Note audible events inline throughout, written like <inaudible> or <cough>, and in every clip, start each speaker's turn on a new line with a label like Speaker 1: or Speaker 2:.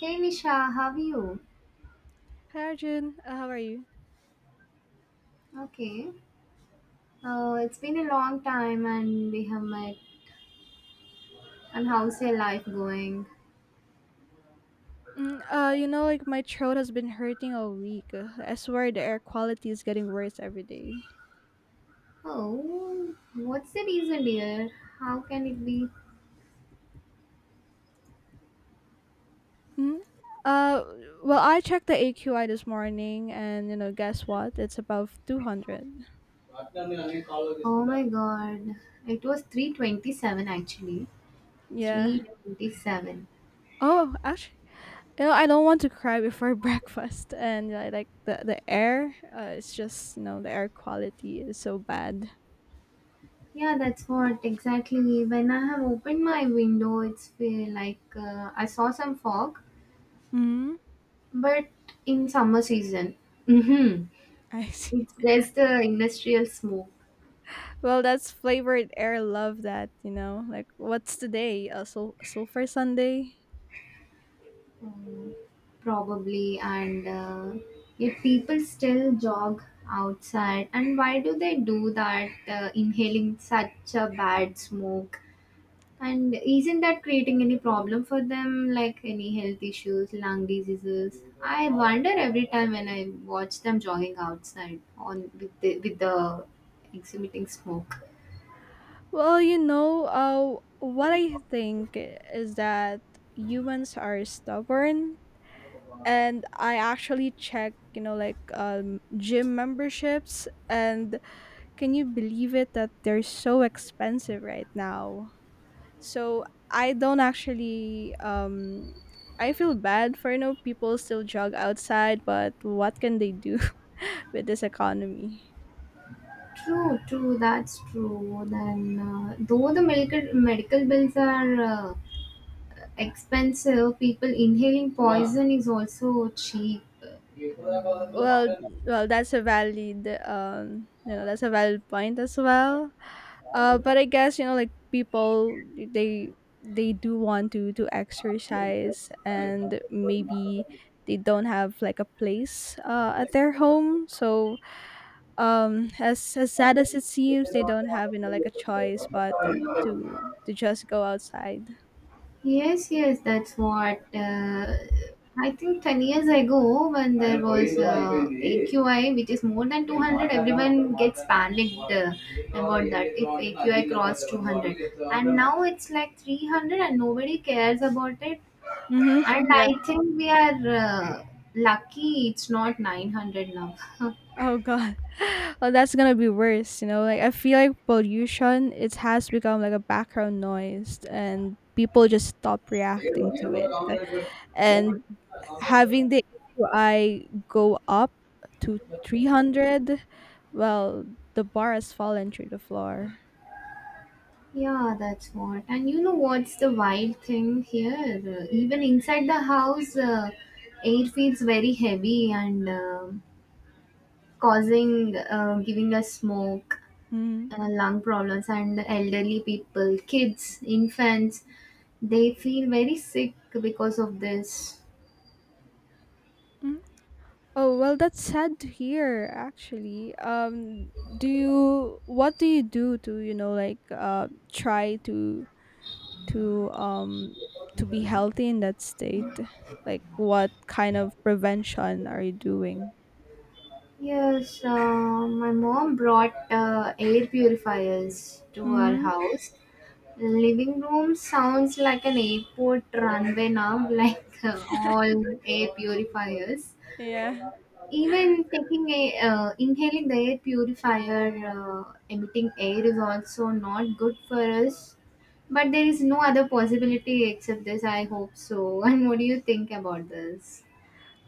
Speaker 1: Hey Nisha, how are you?
Speaker 2: Hi Arjun, how are you?
Speaker 1: Okay. It's been a long time and we have met. And how's your life going?
Speaker 2: Like, my throat has been hurting all week. I swear the air quality is getting worse every day.
Speaker 1: Oh, what's the reason, dear? How can it be?
Speaker 2: Mm, uh, well, I checked the AQI this morning, and guess what? It's above 200.
Speaker 1: Oh my god. It was 327 actually.
Speaker 2: Yeah.
Speaker 1: 327.
Speaker 2: Oh, actually, I don't want to cry before <laughs> breakfast, and I like the air. It's just the air quality is so bad.
Speaker 1: Yeah, that's what exactly. When I have opened my window, it's feel like I saw some fog,
Speaker 2: Hmm. <laughs>
Speaker 1: but in summer season. Mm-hmm.
Speaker 2: I see.
Speaker 1: It's just the industrial smoke,
Speaker 2: Well, that's flavored air. Love that. Like, what's today? A sulfur Sunday?
Speaker 1: um, probably, and yet people still jog outside. And why do they do that, inhaling such a bad smoke? And isn't that creating any problem for them, like any health issues, lung diseases? I wonder every time when I watch them jogging outside on with the exhibiting smoke.
Speaker 2: Well, what I think is that humans are stubborn, and I actually check, like, gym memberships, and can you believe it that they're so expensive right now? So, I don't actually, I feel bad for, people still jog outside, but what can they do <laughs> with this economy?
Speaker 1: True, true, that's true. Then, though the medical bills are expensive, people inhaling, yeah, poison is also cheap.
Speaker 2: Well, well, that's a valid, that's a valid point as well. But I guess, like, people they they do want to exercise, and maybe they don't have, like, a place at their home, so, as sad as it seems, they don't have, like, a choice, but, to to just go outside.
Speaker 1: Yes, yes, that's what. I think 10 years ago, when there was AQI, which is more than 200, everyone gets panicked about that if AQI crossed 200. And now it's like 300 and nobody cares about it.
Speaker 2: Mm-hmm.
Speaker 1: And
Speaker 2: Yeah.
Speaker 1: I think we are lucky it's not 900 now. <laughs>
Speaker 2: Oh god. <laughs> <sighs> Well, that's gonna be worse. Like, I feel like pollution, it has become like a background noise, and people just stop reacting to it. And having the AQI go up to 300. Well, the bar has fallen through the floor.
Speaker 1: Yeah, that's what. And you know what's the wild thing here? Even inside the house, air feels very heavy and causing, giving us smoke,
Speaker 2: Mm-hmm.
Speaker 1: lung problems, and elderly people, kids, infants, they feel very sick because of this.
Speaker 2: Oh, well, that's sad to hear, actually. What do you do to, like, try to, um, to be healthy in that state? Like, what kind of prevention are you doing?
Speaker 1: Yes, my mom brought air purifiers to our
Speaker 2: Hmm.
Speaker 1: house. Living room sounds like an airport runway now, <laughs> like all air purifiers.
Speaker 2: Yeah.
Speaker 1: Even taking a inhaling the air purifier, emitting air is also not good for us. But there is no other possibility except this. I hope so. <laughs> And what do you think about this?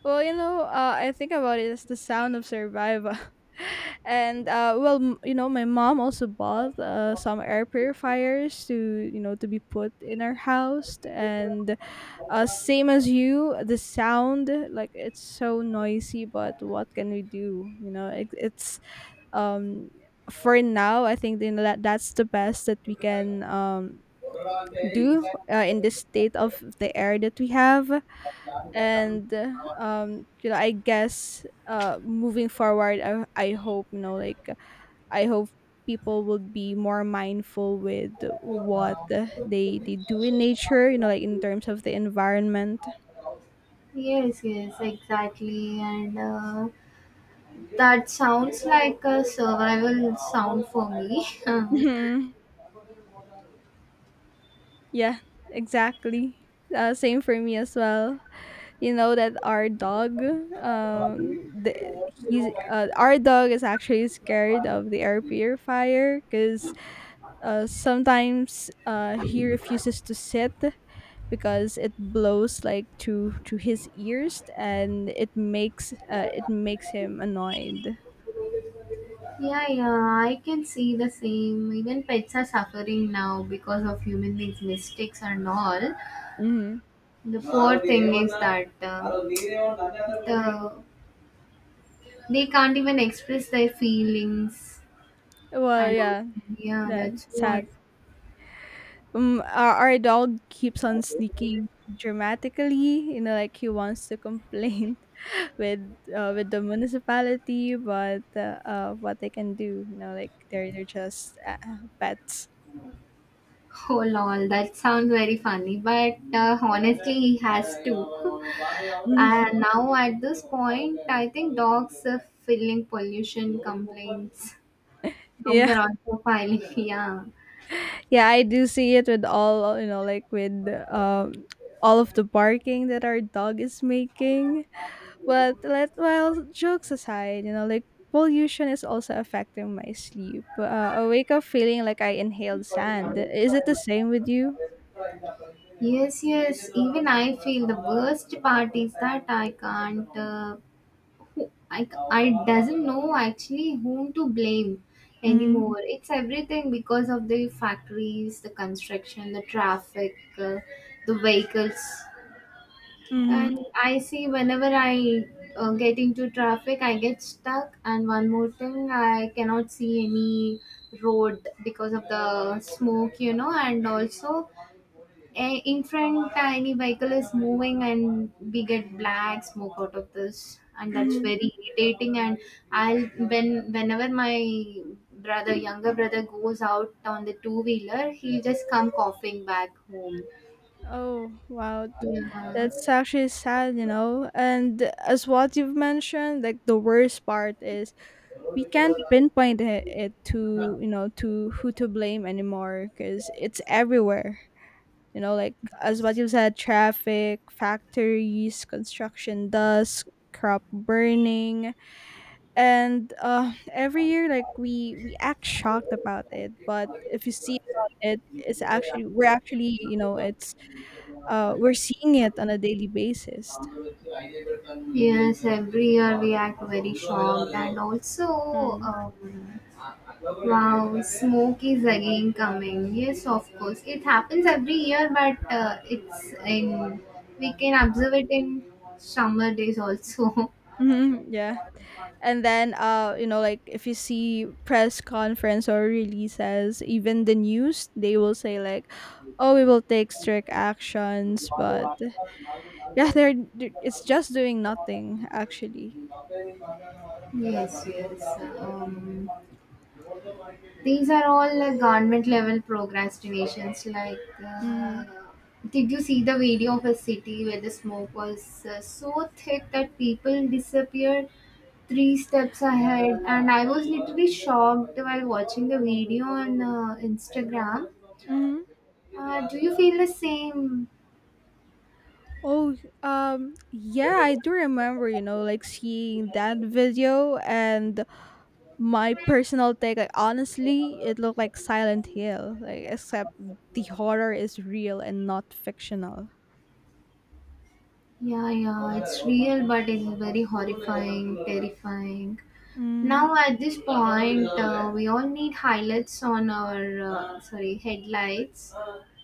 Speaker 2: Well, I think about it as the sound of survival. <laughs> And well, my mom also bought, some air purifiers to, to be put in our house. And, same as you, the sound, like, it's so noisy. But what can we do? It, it's um for now, I think, that's the best that we can, do, in this state of the air that we have. And I guess, moving forward, I hope, like, I hope people would be more mindful with what, they do in nature, like, in terms of the environment.
Speaker 1: Yes, yes, exactly. And that sounds like a survival sound for me. <laughs> Yeah,
Speaker 2: Mhm. Yeah, exactly. Same for me as well. You know that our dog, um the, he's our dog is actually scared of the air purifier, because, sometimes, he refuses to sit, because it blows like to his ears, and it makes him annoyed.
Speaker 1: yeah, I can see the same. Even pets are suffering now because of human beings' mistakes and all.
Speaker 2: Mm-hmm.
Speaker 1: The poor thing is that the, they can't even express their feelings
Speaker 2: Well,
Speaker 1: and all.
Speaker 2: yeah,
Speaker 1: Yeah,
Speaker 2: that
Speaker 1: that's
Speaker 2: sad.
Speaker 1: what.
Speaker 2: Our our dog keeps on sneaking dramatically, like, he wants to <laughs> complain with the municipality. But what they can do? You know, like, they're just, pets.
Speaker 1: Oh lol, that sounds very funny, but honestly, he has to. <laughs>
Speaker 2: <laughs>
Speaker 1: And now at this point, I think dogs are filing pollution complaints. Dogs
Speaker 2: Yeah,
Speaker 1: are also filing, <laughs> yeah.
Speaker 2: yeah, I do see it with all, like, with, um all of the barking that our dog is making. But let well, jokes aside, like, pollution is also affecting my sleep. I wake up feeling like I inhaled sand. Is it the same with you?
Speaker 1: Yes, yes. Even I feel the worst part is that I can't I doesn't know actually whom to blame
Speaker 2: Mm-hmm.
Speaker 1: anymore. It's everything because of the factories, the construction, the traffic, the vehicles.
Speaker 2: Mm-hmm.
Speaker 1: And I see whenever I get into traffic, I get stuck. And one more thing, I cannot see any road because of the smoke, and also in front any vehicle is moving and we get black smoke out of this, and that's
Speaker 2: Mm-hmm.
Speaker 1: very irritating, and I'll when whenever my brother younger brother goes out on the two wheeler, he'll just come coughing back home,
Speaker 2: Oh, wow. That's
Speaker 1: yeah.
Speaker 2: actually sad, you know? And as what you've mentioned, like, the worst part is, we can't pinpoint it to, to who to blame anymore, because it's everywhere. You know, like, as what you said, traffic, factories, construction dust, crop burning, and, every year, like, we act shocked about it. But if you see about it, it's actually, we're actually, it's, we're seeing it on a daily basis.
Speaker 1: Yes, every year we act very shocked, and also,
Speaker 2: Mm.
Speaker 1: wow, smoke is again coming. Yes, of course, it happens every year, but it's in we can observe it in summer days also. <laughs>
Speaker 2: Mhm, yeah. And then, like, if you see press conference or releases, even the news, they will say like, "Oh, we will take strict actions," but yeah, it's just doing nothing, actually.
Speaker 1: Yes, yes. Um, these are all like government level procrastinations. Like, uh,
Speaker 2: Mm.
Speaker 1: did you see the video of a city where the smoke was so thick that people disappeared three steps ahead? And I was literally shocked while watching the video on Instagram.
Speaker 2: Mhm.
Speaker 1: Do you feel the same?
Speaker 2: Oh, yeah, I do remember, like, seeing that video. And my personal take, like, honestly, it looked like Silent Hill, like, except the horror is real and not fictional.
Speaker 1: Yeah, yeah, it's real, but it's very horrifying, terrifying.
Speaker 2: Mm.
Speaker 1: Now, at this point, we all need highlights on our, sorry, headlights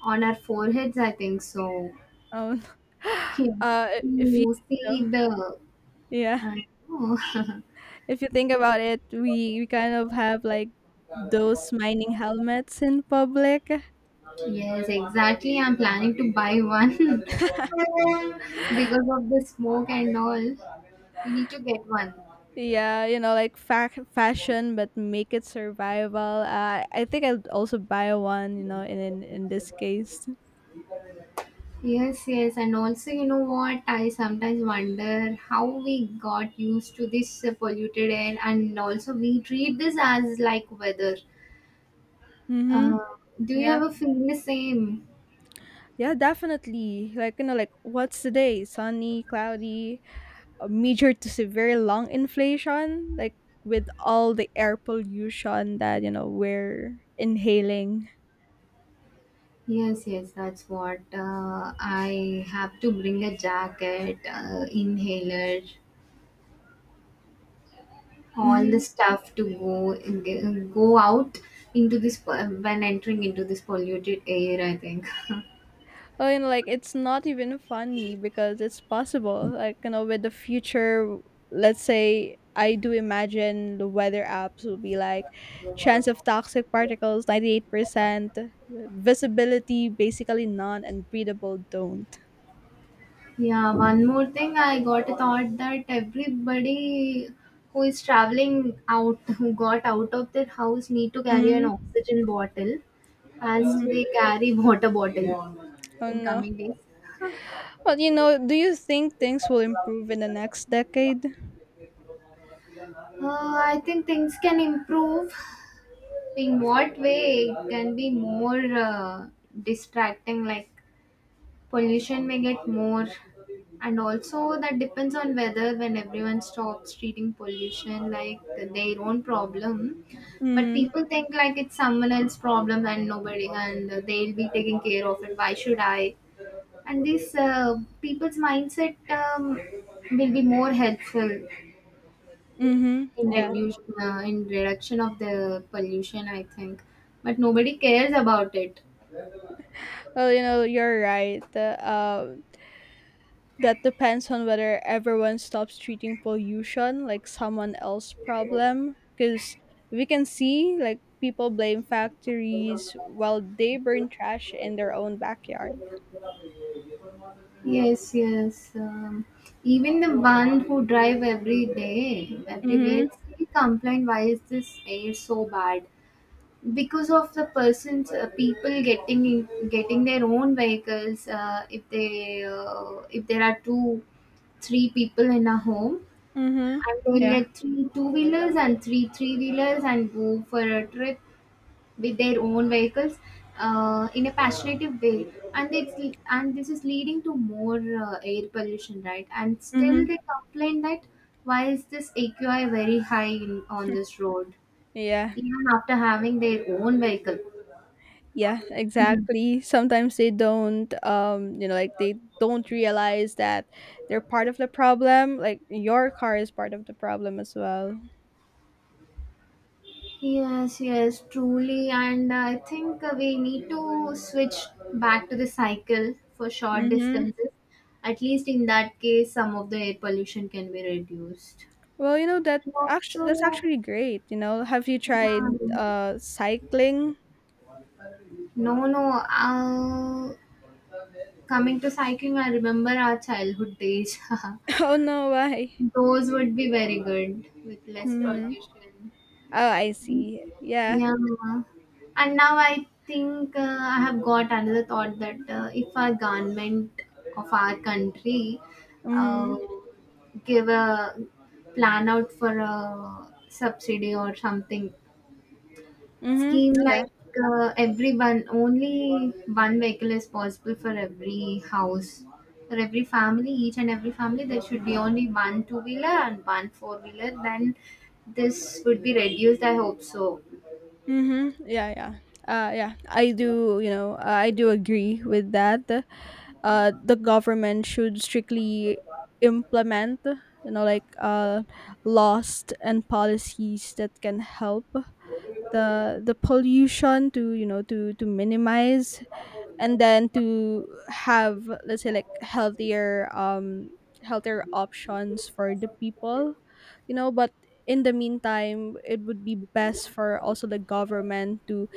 Speaker 1: on our foreheads, I think. So,
Speaker 2: Oh, no.
Speaker 1: <laughs>
Speaker 2: <laughs> <sighs>
Speaker 1: yeah,
Speaker 2: I- if you,
Speaker 1: you see the,
Speaker 2: yeah,
Speaker 1: I know. <laughs>
Speaker 2: if you think about it, we kind of have, like, those mining helmets in public.
Speaker 1: Yes, exactly. I'm planning to buy one <laughs> because of the smoke and all. We need to get one.
Speaker 2: Yeah, you know, like, fashion, but make it survival. I think I'd also buy one. You know, in this case.
Speaker 1: Yes, yes, and also, you know what? I sometimes wonder how we got used to this polluted air, and also we treat this as like weather.
Speaker 2: Mm-hmm.
Speaker 1: Uh, do you
Speaker 2: Yeah.
Speaker 1: ever feel the same?
Speaker 2: Yeah, definitely. Like, you know, like, what's the day? Sunny, cloudy, a major to severe lung inflation, like, with all the air pollution that, you know, we're inhaling.
Speaker 1: Yes, yes, that's what I have to bring a jacket, inhaler, all the
Speaker 2: Mm-hmm.
Speaker 1: stuff to go out into this when entering into this polluted air, I think. <laughs>
Speaker 2: Oh, and, like, it's not even funny because it's possible. Like, you know, with the future, let's say, I do imagine the weather apps will be like, chance of toxic particles 98%, visibility basically none, and breathable don't.
Speaker 1: Yeah, one more thing, I got a thought that everybody who is traveling out, who got out of their house, need to carry an
Speaker 2: Mm-hmm.
Speaker 1: oxygen bottle as
Speaker 2: Mm-hmm.
Speaker 1: they carry <laughs> water bottle
Speaker 2: Oh
Speaker 1: in
Speaker 2: no.
Speaker 1: coming days.
Speaker 2: Well, you know, do you think things will improve in the next decade?
Speaker 1: I think things can improve. In what way it can be more distracting? Like pollution may get more, and also that depends on whether when everyone stops treating pollution like their own problem, but
Speaker 2: Mm-hmm.
Speaker 1: people think like it's someone else's problem and nobody, and they'll be taking care of it, why should I? And this people's mindset will be more helpful
Speaker 2: Mm-hmm.
Speaker 1: in
Speaker 2: Yeah.
Speaker 1: reduction of the pollution, I think, but nobody cares about it.
Speaker 2: Well, you know, you're right. That depends on whether everyone stops treating pollution like someone else's problem. Because we can see, like, people blame factories while they burn trash in their own backyard.
Speaker 1: Yes, yes. Even the one who drive every day, everywhere,
Speaker 2: Mm-hmm.
Speaker 1: they complain, why is this air so bad? Because of the people getting their own vehicles. If there are two, three people in a home,
Speaker 2: Mm-hmm.
Speaker 1: and they will
Speaker 2: Yeah.
Speaker 1: get three two wheelers and three three wheelers and go for a trip with their own vehicles in a passionate way, and it's and this is leading to more air pollution, right? And still
Speaker 2: Mm-hmm.
Speaker 1: they complain that why is this aqi very high on this road
Speaker 2: Yeah,
Speaker 1: even after having their own vehicle.
Speaker 2: yeah, exactly. Sometimes they don't, like, they don't realize that they're part of the problem. Like, your car is part of the problem as well.
Speaker 1: Yes, yes, truly. And I think we need to switch back to the cycle for short
Speaker 2: Mm-hmm.
Speaker 1: distances. At least in that case, some of the air pollution can be reduced.
Speaker 2: Well, you know that,
Speaker 1: And
Speaker 2: actually that's
Speaker 1: also,
Speaker 2: actually great. You know, have you tried
Speaker 1: yeah,
Speaker 2: cycling?
Speaker 1: no, no. Coming to cycling, I remember our childhood days. <laughs>
Speaker 2: <laughs> Oh no, why?
Speaker 1: Those would be very good with less
Speaker 2: Mm-hmm.
Speaker 1: pollution.
Speaker 2: Oh, I see. Yeah.
Speaker 1: Yeah. And now I think I have got another thought that if our government of our country uh,
Speaker 2: Mm-hmm.
Speaker 1: give a plan out for a subsidy or something
Speaker 2: Mm-hmm.
Speaker 1: scheme,
Speaker 2: Yeah.
Speaker 1: like everyone, only one vehicle is possible for every house, for every family each and every family there should be only one two wheeler and one four wheeler, then this would be reduced, I hope so.
Speaker 2: Mhm. Yeah, yeah. Yeah, I do agree with that. The government should strictly implement, you know, like, laws and policies that can help the pollution to, you know, to minimize, and then to have, let's say, like, healthier options for the people, you know. But in the meantime, it would be best for also the government to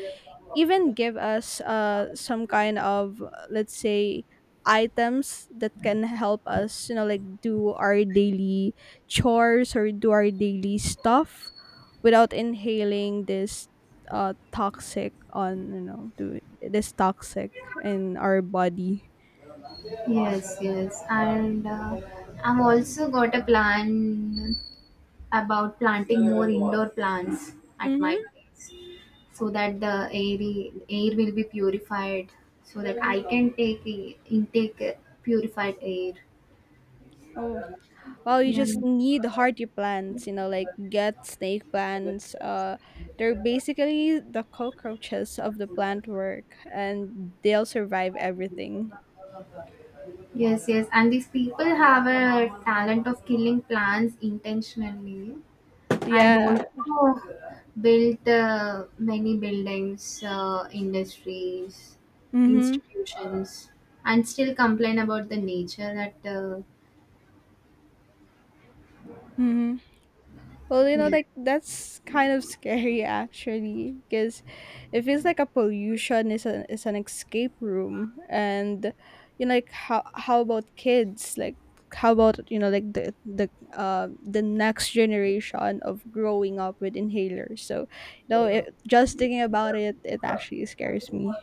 Speaker 2: even give us, some kind of, let's say, items that can help us, you know, like, do our daily chores or do our daily stuff without inhaling this, toxic on, do this toxic in our body.
Speaker 1: Yes, yes, and I've also got a plan about planting more indoor plants at my
Speaker 2: Mm-hmm.
Speaker 1: place so that the air will be purified so that I can intake purified air,
Speaker 2: Oh, well, you
Speaker 1: yeah.
Speaker 2: just need hardy plants, you know, like, get snake plants. They're basically the cockroaches of the plant work, and they'll survive everything.
Speaker 1: Yes, yes, and these people have a talent of killing plants intentionally and
Speaker 2: Yeah.
Speaker 1: also built many buildings, industries,
Speaker 2: Mm-hmm.
Speaker 1: institutions, and still complain about the nature that,
Speaker 2: Mm-hmm. Well, you know,
Speaker 1: yeah.
Speaker 2: like, that's kind of scary, actually, because it feels like a pollution is an escape room. And, you know, like, how about kids? Like, how about, like, the next generation of growing up with inhalers? So, you know, just thinking about it, it actually scares me.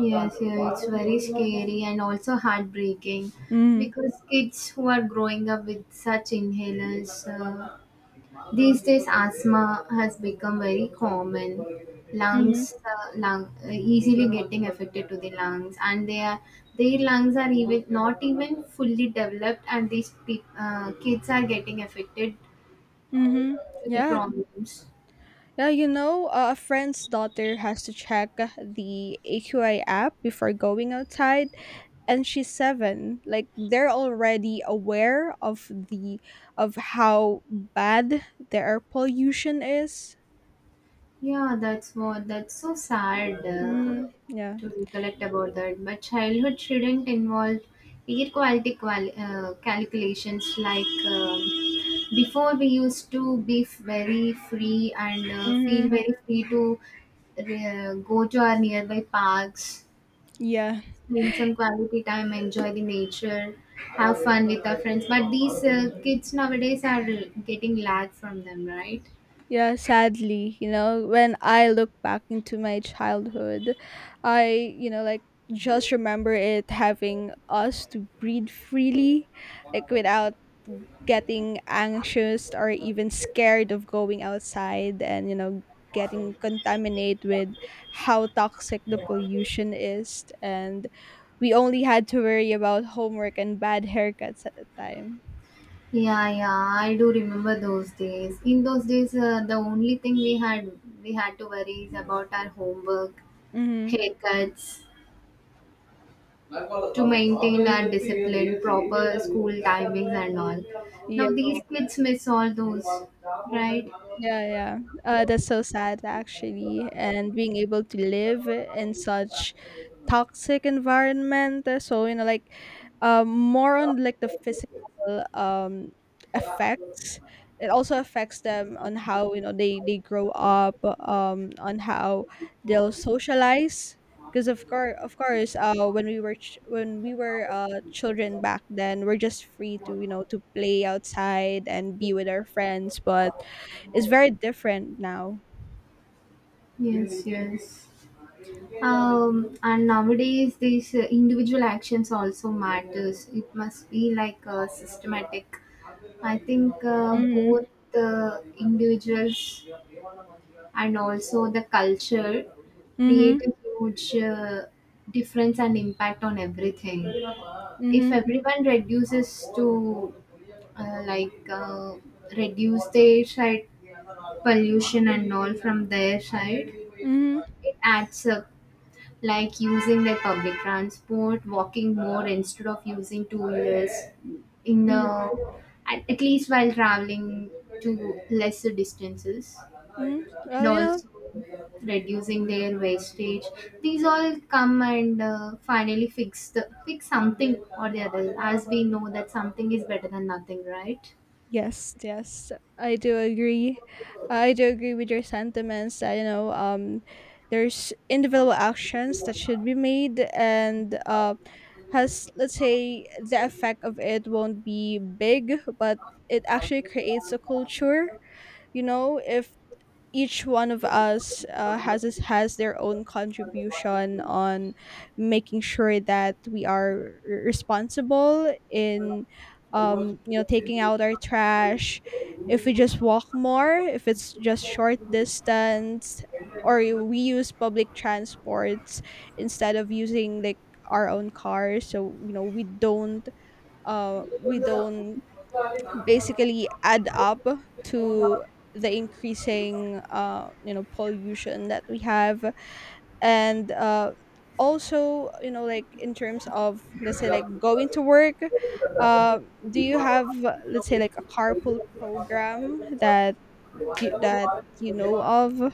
Speaker 1: Yes, yeah, it's very scary and also heartbreaking
Speaker 2: Mm.
Speaker 1: because kids who are growing up with such inhalers, these days asthma has become very common.
Speaker 2: Hmm.
Speaker 1: Lungs,
Speaker 2: Mm.
Speaker 1: uh, lung, uh, easily getting affected to the lungs, and their lungs are even not even fully developed, and these peop kids are getting affected
Speaker 2: Hmm.
Speaker 1: to the
Speaker 2: Yeah.
Speaker 1: problems.
Speaker 2: Yeah, you know, a friend's daughter has to check the AQI app before going outside, and she's seven. Like, they're already aware of the of how bad the air pollution is.
Speaker 1: Yeah, that's what. That's so sad,
Speaker 2: Mm, yeah.
Speaker 1: to recollect about that. But childhood shouldn't involve air quality calculations, like, before we used to be very free and feel
Speaker 2: Mm-hmm.
Speaker 1: very free to go to our nearby parks,
Speaker 2: Yeah.
Speaker 1: spend some quality time, enjoy the nature, have fun with our friends. But these kids nowadays are getting lag from them, right?
Speaker 2: Yeah, sadly, you know, when I look back into my childhood, I, like, just remember it having us to breathe freely, like, without getting anxious or even scared of going outside and, you know, getting contaminated with how toxic the pollution is. And we only had to worry about homework and bad haircuts at the time.
Speaker 1: Yeah, yeah, I do remember those days. In those days, the only thing we had to worry is about our homework,
Speaker 2: Mm-hmm.
Speaker 1: haircuts, to maintain our discipline, proper school timings, and all. Now these kids miss all those, right?
Speaker 2: Yeah, yeah. That's so sad, actually. And being able to live in such toxic environment, so, you know, like, more on, like, the physical, um effects. It also affects them on how, you know, they grow up, on how they'll socialize. Because, of course, when we were, children back then, we're just free to, you know, to play outside and be with our friends, but it's very different now.
Speaker 1: Yes, yes. And nowadays, these individual actions also matters. It must be like systematic. I think
Speaker 2: Mm-hmm.
Speaker 1: both the individuals and also the culture create
Speaker 2: Mm-hmm.
Speaker 1: a huge difference and impact on everything. If
Speaker 2: Mm-hmm.
Speaker 1: everyone reduces to like reduce their side pollution and all from their side,
Speaker 2: Mm-hmm.
Speaker 1: it adds up, like using their public transport, walking more instead of using two wheelers in the at least while traveling to lesser distances,
Speaker 2: Mm-hmm.
Speaker 1: and
Speaker 2: Well, you know.
Speaker 1: also reducing their wastage. These all come and finally fix something or the other, as we know that something is better than nothing, right?
Speaker 2: Yes, yes, I do agree. I do agree with your sentiments that, you know, there's individual actions that should be made, and, has, let's say, the effect of it won't be big, but it actually creates a culture. You know, if each one of us, has their own contribution on making sure that we are, responsible in, taking out our trash, if we just walk more, if it's just short distance, or we use public transports instead of using like our own cars, so, you know, we don't basically add up to the increasing, you know, pollution that we have. And, also, you know, like, in terms of, let's say, like, going to work, uh, do you have, let's say, like, a carpool program that, you that you know of?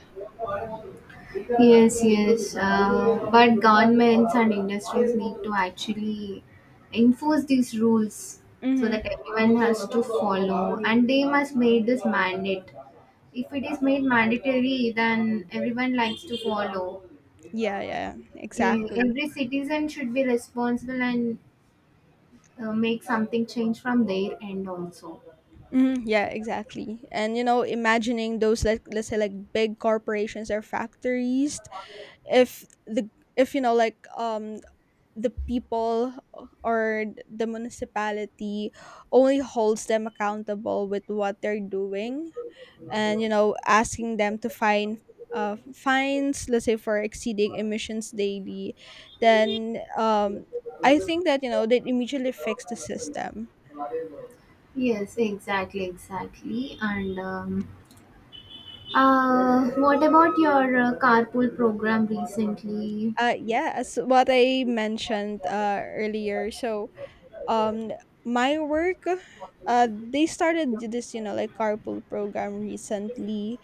Speaker 1: Yes, yes. But governments and industries need to actually enforce these rules so that
Speaker 2: Mm-hmm.
Speaker 1: everyone has to follow, and they must make this mandate. If it is made mandatory, then everyone likes to follow.
Speaker 2: Yeah, yeah, exactly.
Speaker 1: Every citizen should be responsible and make something change from their end also.
Speaker 2: Hmm. Yeah, exactly. And you know, imagining those, like, let's say, like, big corporations or factories, if the if, you know, like, the people or the municipality only holds them accountable with what they're doing, and, you know, asking them to find, fines, let's say, for exceeding emissions daily, then, I think that, you know, they immediately fix the system.
Speaker 1: Yes, exactly, exactly. And what about your carpool program recently?
Speaker 2: Yeah, as what I mentioned, earlier. So, um my work, they started this, you know, like, carpool program recently.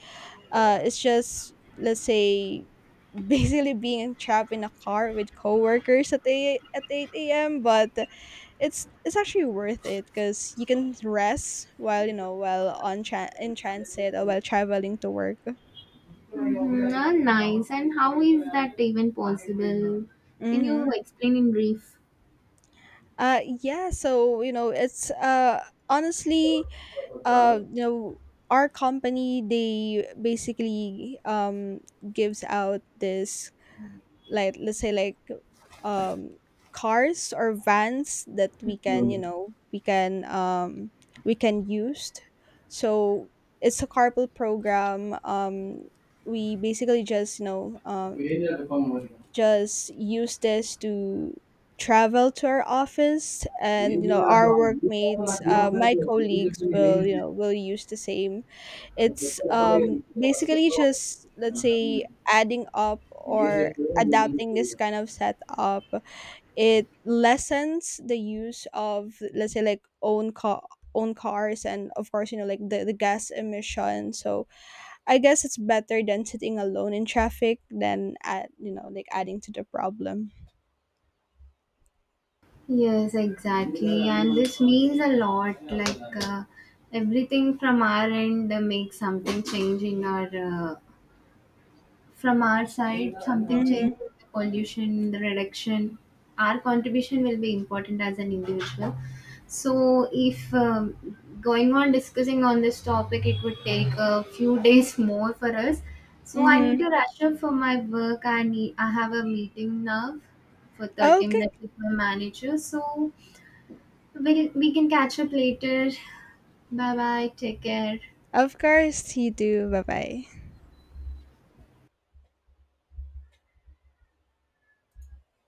Speaker 2: It's just, let's say, <laughs> basically being trapped in a car with coworkers at 8 a.m. But it's actually worth it, because you can rest while, on in transit or while traveling to work.
Speaker 1: Mhm, ah, nice. And how is that even possible? Can you
Speaker 2: Mm-hmm.
Speaker 1: explain in brief?
Speaker 2: Yeah, so, you know, it's, honestly, you know, our company, they basically, gives out this, like, let's say, like, um cars or vans that we can, you know, we can use. So, it's a carpool program. We basically just, you know, just use this to travel to our office. And, you know, our workmates, my colleagues, will, will use the same. It's, basically just, let's say, adding up or adapting this kind of setup. It lessens the use of, let's say, like, own cars, and, of course, you know, like, the gas emission. So, I guess it's better than sitting alone in traffic than at, like, adding to the problem.
Speaker 1: Yes, exactly. And this means a lot. Like everything from our end makes something change in from our side, something change,
Speaker 2: Mm-hmm.
Speaker 1: the pollution, the reduction. Our contribution will be important as an individual. So, if going on discussing on this topic, it would take a few <laughs> days more for us. So, I need
Speaker 2: Mm-hmm.
Speaker 1: to rush up for my work. I have a meeting now for 30
Speaker 2: Okay.
Speaker 1: minutes with my manager. So, we can catch up later. Bye bye. Take care.
Speaker 2: Of course you do. Bye bye.